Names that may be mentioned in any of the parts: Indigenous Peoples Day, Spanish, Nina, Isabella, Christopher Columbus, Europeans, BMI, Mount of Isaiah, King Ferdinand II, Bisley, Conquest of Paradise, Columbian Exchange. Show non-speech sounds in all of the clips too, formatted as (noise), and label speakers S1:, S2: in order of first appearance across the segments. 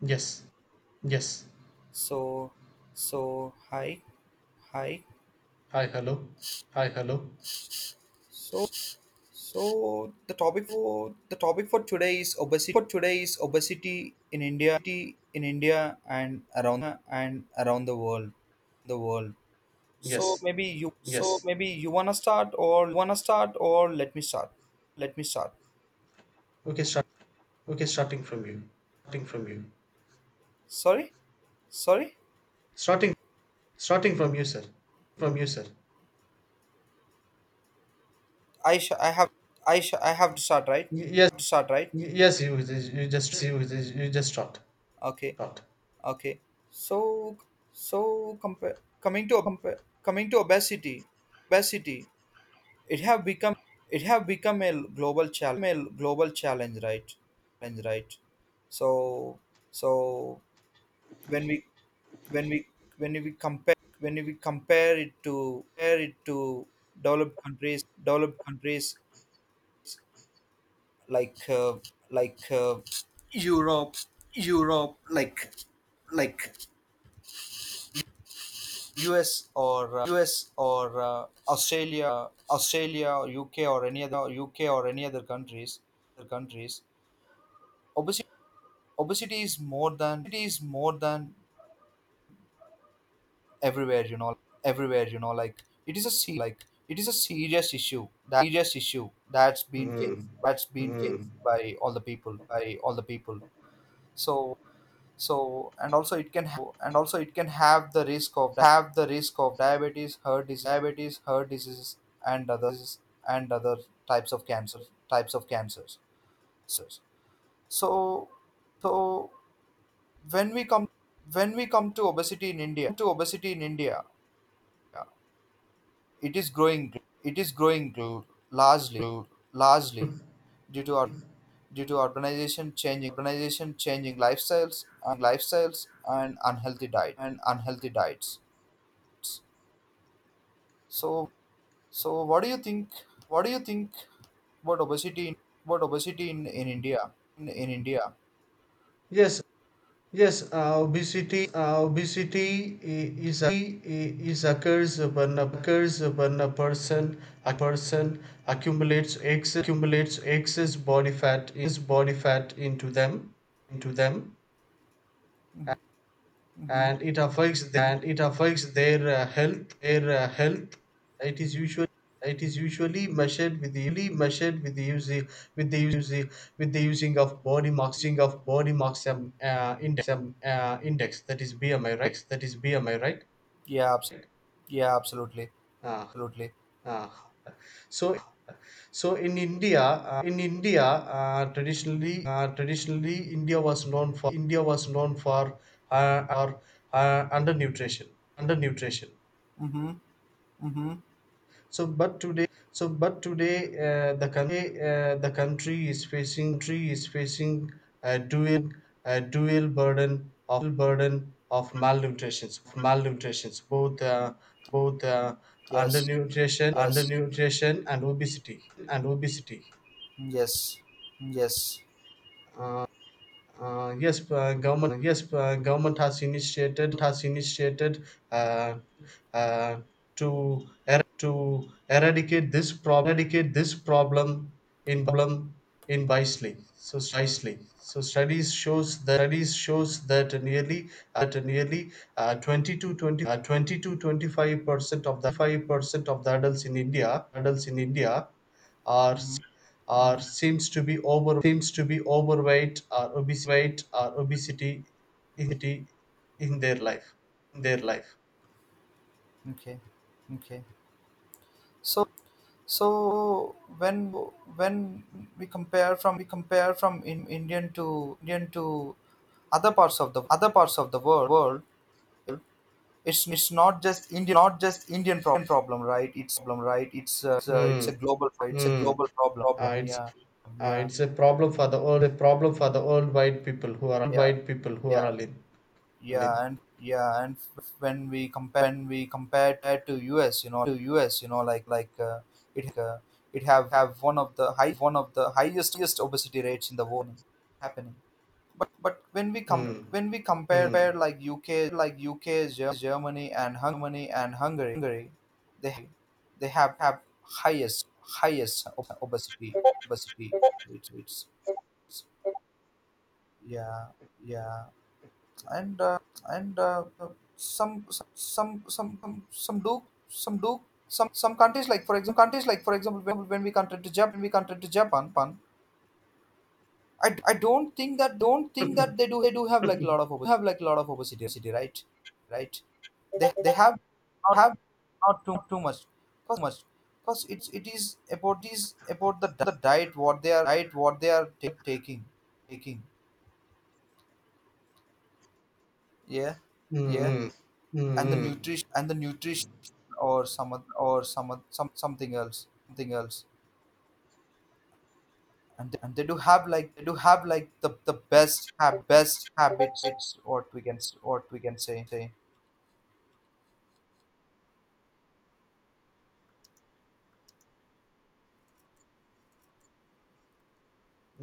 S1: Yes. Yes.
S2: So, so, hi, hi.
S1: Hi, hello. Hi, hello.
S2: So, so the topic for today is obesity in India, and around the world, the world. So
S1: Yes.
S2: maybe you, so
S1: Yes.
S2: maybe you wanna start or let me start, let me start.
S1: Okay, start. Okay, starting from you. Starting from you.
S2: Sorry, sorry.
S1: Starting. Starting from you, sir. From you, sir.
S2: I sh- I have I have to start right.
S1: Yes.
S2: To start right.
S1: Yes. You. You just start.
S2: Okay.
S1: Start.
S2: Okay, so so coming to obesity, obesity, it have become it have become a global challenge, right? Challenge, right? So so when we when we when we compare it to developed countries, like uh, like uh, Europe, Europe, like like US or Australia, or UK or any other countries, other countries, obesity, is more than everywhere. You know, like it is a se- like it is a serious issue. That serious issue that's been
S1: Hmm.
S2: faced.
S1: Hmm.
S2: By all the people. So so and also it can have, the risk of diabetes, heart disease, diabetes heart diseases and others and other types of cancer. Types of cancers so so when we come to obesity in India. Yeah, it is growing, it is growing largely, largely due to ur- due to organization changing lifestyles and unhealthy diet and unhealthy diets so what do you think what do you think about obesity in, in India? in, in india
S1: Yes. Yes, obesity obesity is a, is occurs when occurs when a person accumulates excess body fat is body fat into them into them
S2: mm-hmm.
S1: and it affects their,
S2: Mm-hmm.
S1: health it is usually measured with the using with the using of body mass index that is BMI, right?
S2: yeah abs- yeah, absolutely.
S1: Uh,
S2: absolutely
S1: uh. So in India, in India, traditionally, traditionally India was known for our undernutrition. undernutrition
S2: mm-hmm. Mm-hmm.
S1: So, but today, the country is facing tree is facing a dual burden of malnutrition, both both uh,
S2: Yes,
S1: undernutrition,
S2: yes.
S1: and obesity,
S2: yes yes
S1: Uh, yes, government. Yes, government has initiated uh, uh, to eradicate this problem. In problem in Bisley. So studies shows that nearly 20 to 25% of the adults in India are
S2: mm-hmm.
S1: or
S2: Mm-hmm.
S1: seems to be over seems to be overweight or obesity in their life in their life
S2: Okay. okay so So when when we compare from in Indian to Indian to other parts of the world, it's not just Indian problem, right? It's
S1: mm,
S2: a global
S1: mm.
S2: problem.
S1: Uh, it's
S2: Yeah, yeah,
S1: it's a problem for the old white people who are
S2: yeah, yeah.
S1: alone alone
S2: Yeah, and when we compare that to US, you know, like it uh, it have one of the highest obesity rates in the world happening. But when we
S1: mm,
S2: compare
S1: mm,
S2: like UK, Germany and Hungary they have have highest obesity obesity rates. Yeah, yeah and uh, and some, some do some do some, countries like for example, when we country to Japan, we country to Japan pan I don't think that they do have like a lot of obesity, right? right they have not have not too much cause much because it is about the, diet what they are taking. taking yeah,
S1: mm,
S2: yeah
S1: mm, mm,
S2: and the
S1: mm.
S2: nutrition, or some something else. something else and they do have like the best habits, it's what we can say.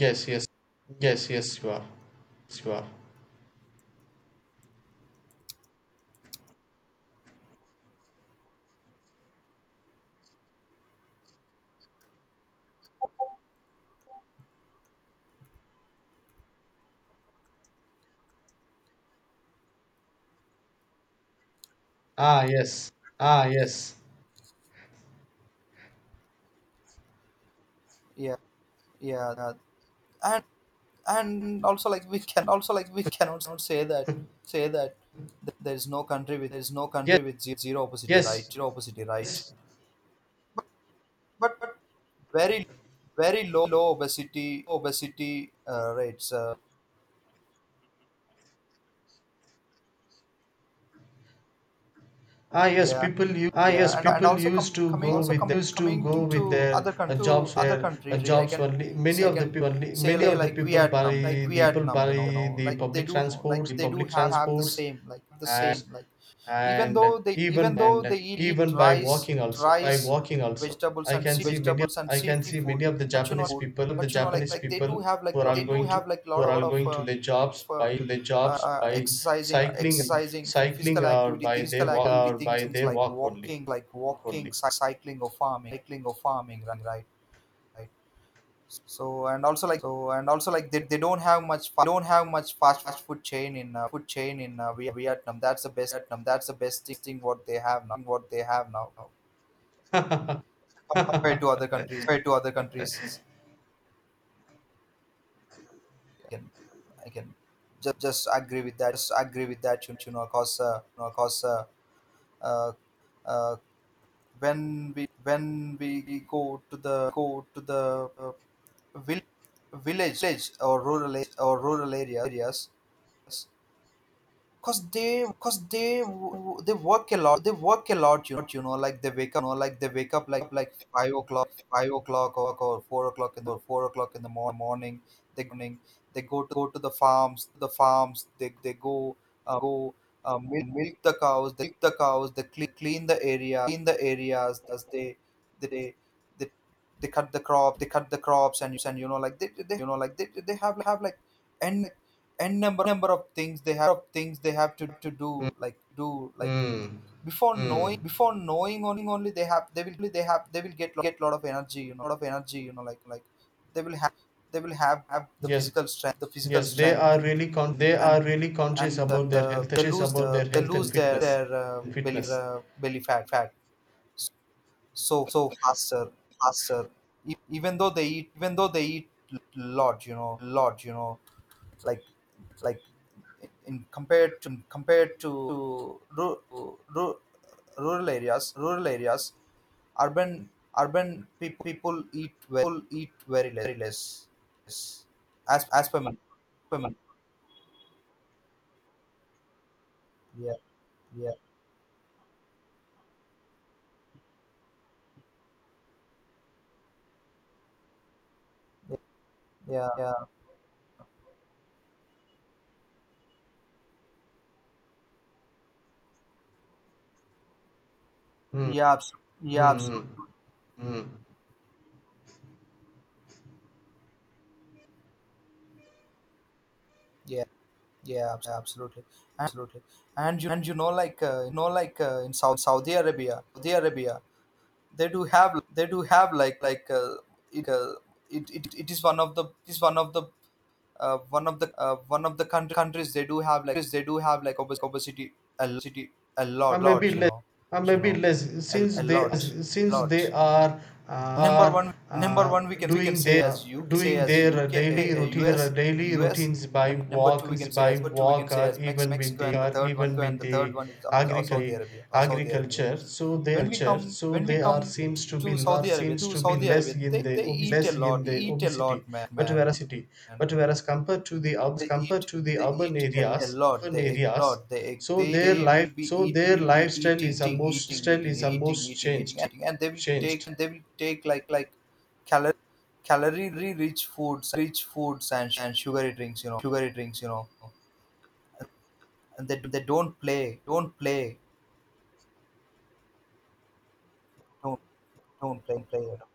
S1: Yes, yes, yes, yes. you are yes, you are Ah yes. ah yes
S2: Yeah. yeah uh, and also like we can also like we cannot say that say that there is no country with there is no
S1: yes,
S2: country with ze- zero obesity,
S1: yes,
S2: right?
S1: yes.
S2: But very low obesity rates.
S1: Ah yes,
S2: Yeah. Yeah and
S1: people
S2: also
S1: used to go with
S2: coming to
S1: their
S2: other country,
S1: jobs
S2: I can
S1: only.
S2: i can say
S1: Many
S2: like,
S1: of the people buy
S2: like
S1: the people
S2: Vietnam,
S1: buy
S2: you know,
S1: the
S2: like they
S1: public
S2: do
S1: transports,
S2: have the same like,
S1: and
S2: even though they
S1: even
S2: eat
S1: by
S2: rice,
S1: walking also
S2: rice, vegetables
S1: I
S2: and
S1: can
S2: sea,
S1: see many of the
S2: but you know,
S1: Japanese people
S2: like they do have
S1: who are all going to
S2: like lot of
S1: their jobs
S2: of,
S1: by
S2: exercising,
S1: cycling
S2: physical
S1: or
S2: activity,
S1: by their walk
S2: things, like
S1: only
S2: walking,
S1: only
S2: cycling or farming, right? right. So and also like they, don't have much fast food chain in Vietnam. That's the best thing what they have now.
S1: (laughs)
S2: Compared to other countries, I can I can just agree with that. You know, cause uh, uh, when we go to the vil- village or rural areas, cause they they work a lot, you know, like they wake up like 5 o'clock, or, 4 o'clock in the morning they morning they go to the farms, they, go milk, the cows, they clean, the area, clean the areas as they they they they they cut the crop, they cut the crops and you know like they you know like they have like and n number of things they have to do like.
S1: Hmm.
S2: Before knowing
S1: Hmm.
S2: only they have, they will get lot of energy, you know, like they will have have the
S1: Yes,
S2: physical strength,
S1: Yes, they are
S2: and
S1: really they
S2: and
S1: are really conscious about
S2: and
S1: their health,
S2: they lose the they lose
S1: and
S2: their
S1: fitness, fitness.
S2: belly fat. So faster. faster Even though they eat lot, you know, like like in compared to ru- rural areas, urban people eat well, eat very less. Yes, as per me. per me yeah yeah yeah
S1: mm,
S2: yeah abs-
S1: mm,
S2: yeah
S1: mm,
S2: absolutely
S1: mm.
S2: yeah yeah abs- absolutely Absolutely. And you know like, in Saudi Arabia they do have like it, uh, it it is one of the is one of the one of the one of the countries they do have like obesity a l- city a
S1: uh,
S2: lot,
S1: maybe
S2: you
S1: less
S2: know. You
S1: maybe
S2: know
S1: less since
S2: a
S1: they
S2: lot.
S1: are uh,
S2: Number
S1: are
S2: one
S1: uh,
S2: we can
S1: doing
S2: say
S1: their
S2: as
S1: uh,
S2: UK,
S1: doing their daily routine their
S2: US,
S1: daily
S2: US
S1: routines by
S2: number, two
S1: walk,
S2: we can say as number two we can say
S1: or
S2: as Mex-
S1: even with
S2: Mexico,
S1: the
S2: and the third one is, Saudi
S1: agriculture
S2: Arabia.
S1: so they
S2: When we come
S1: are seems to
S2: to
S1: be
S2: Saudi Arabia,
S1: less in the
S2: They eat a
S1: less
S2: lot,
S1: in the obesity,
S2: man.
S1: but whereas city
S2: And
S1: but whereas compared to the
S2: they eat
S1: compared to the urban
S2: a
S1: areas
S2: lot,
S1: urban areas so
S2: they
S1: their
S2: will
S1: life
S2: be
S1: so
S2: eat, they
S1: their
S2: will be
S1: lifestyle
S2: eating,
S1: is almost
S2: eating eating eating eating
S1: changed
S2: eating, and they will take
S1: changed
S2: like calorie rich foods and sugary drinks, you know, and they, don't play, don't don't play, you know,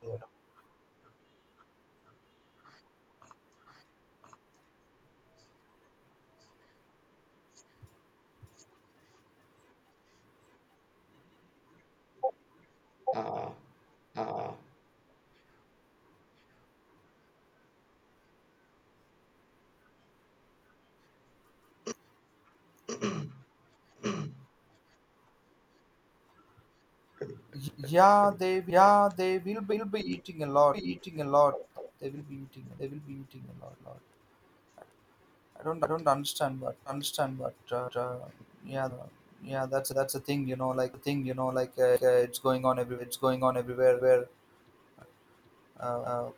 S2: play.
S1: uh, uh,
S2: yeah, they will be eating a lot. They will be eating a lot. I don't understand, but yeah the- yeah, that's a thing, you know, like, a thing you know like, it's going on everywhere, where uh, uh,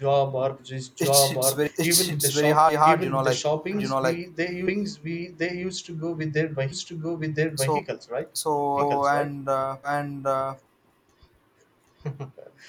S1: job or just
S2: it's
S1: job or even with
S2: it's
S1: the
S2: very
S1: shop
S2: hard, you
S1: even
S2: know,
S1: with the
S2: like. you
S1: shoppings
S2: know
S1: we
S2: like
S1: they used to go with their
S2: so
S1: vehicles, right?
S2: so
S1: vehicles right
S2: and uh, and uh,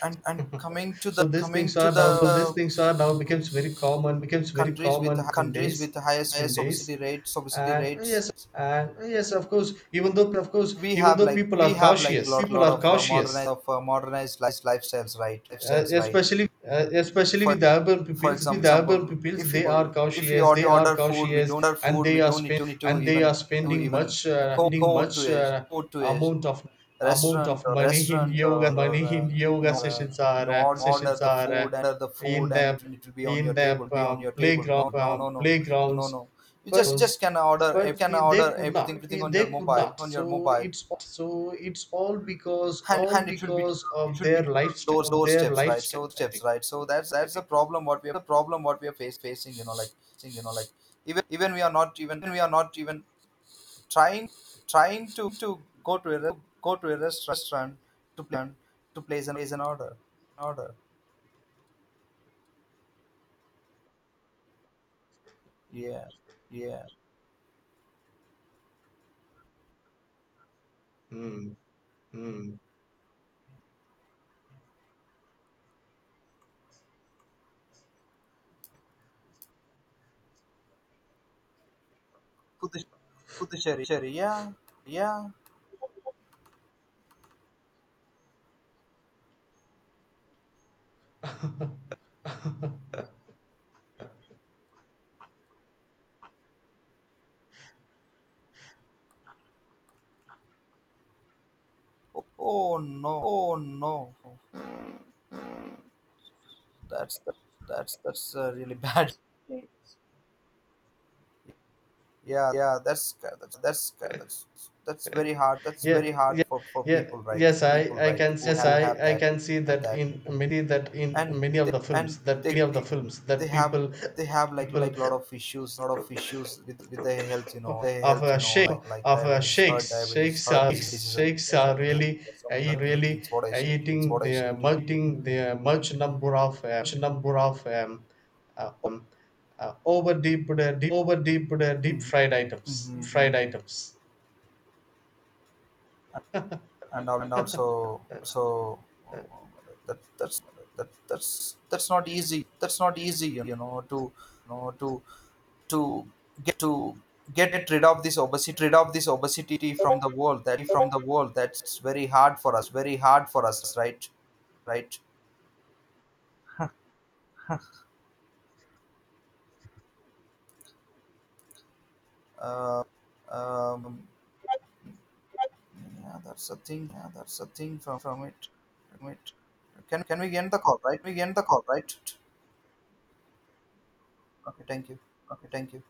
S2: and
S1: (laughs)
S2: coming to the
S1: so these things are now
S2: uh,
S1: becomes very common
S2: countries with
S1: in days
S2: highest
S1: in days
S2: obesity rates.
S1: and yes, of course even though
S2: We have like
S1: people are cautious,
S2: lot of modernized lifestyles, right?
S1: especially
S2: For
S1: with the urban peoples
S2: example, if
S1: they are
S2: you
S1: cautious
S2: order food, we don't
S1: and they are
S2: need
S1: spend
S2: to
S1: and they are
S2: even to even go
S1: spending
S2: to
S1: much
S2: a go to a
S1: amount of
S2: restaurant or,
S1: money (laughs) in yoga
S2: you know uh, you know, order,
S1: sessions
S2: the
S1: are
S2: food, and
S1: in the
S2: it will be on your table. No,
S1: playground
S2: no, you no
S1: playgrounds
S2: no you
S1: but
S2: just can order
S1: they could
S2: everything
S1: not
S2: on your mobile
S1: so it's all because
S2: and it will be it
S1: of
S2: will be
S1: their lifestyle
S2: doors, doorsteps, right? so
S1: I
S2: steps
S1: think
S2: right
S1: i
S2: that's the
S1: think
S2: problem what we are facing, you know, like. Even we are not even trying to go to a re- go to a restaurant to plan to place an order. order. Yeah, yeah.
S1: Hmm. Hmm.
S2: Pudush- Puducherry, yeah, yeah. Oh, oh no, that's that's really (laughs) bad. Yeah, That's very hard That's
S1: Yeah,
S2: very hard
S1: yeah,
S2: for
S1: yeah.
S2: people, right?
S1: Yes, i can
S2: Who have
S1: yes i I
S2: that
S1: can see
S2: have
S1: that
S2: that
S1: in many
S2: and they
S1: of the films that
S2: they have
S1: people
S2: they have like
S1: people
S2: lot of issues with their health, you know,
S1: of shake
S2: like
S1: of
S2: diabetes, heart disease.
S1: shakes
S2: Diseases
S1: shakes are
S2: Some other
S1: really
S2: thing,
S1: really
S2: things what I
S1: uh,
S2: said you. It's
S1: eating
S2: what I
S1: the
S2: said you
S1: uh, eating the much number of uh, um, over deep over deep deep fried
S2: Mm-hmm,
S1: items
S2: mm-hmm. And also, that that's that, that's not easy, you know, to to get to get rid of this obesity from the world. That from the world That's very hard for us, right? right um, yeah, that's a thing from it. From it Can we end the call, right? Okay, thank you. okay thank you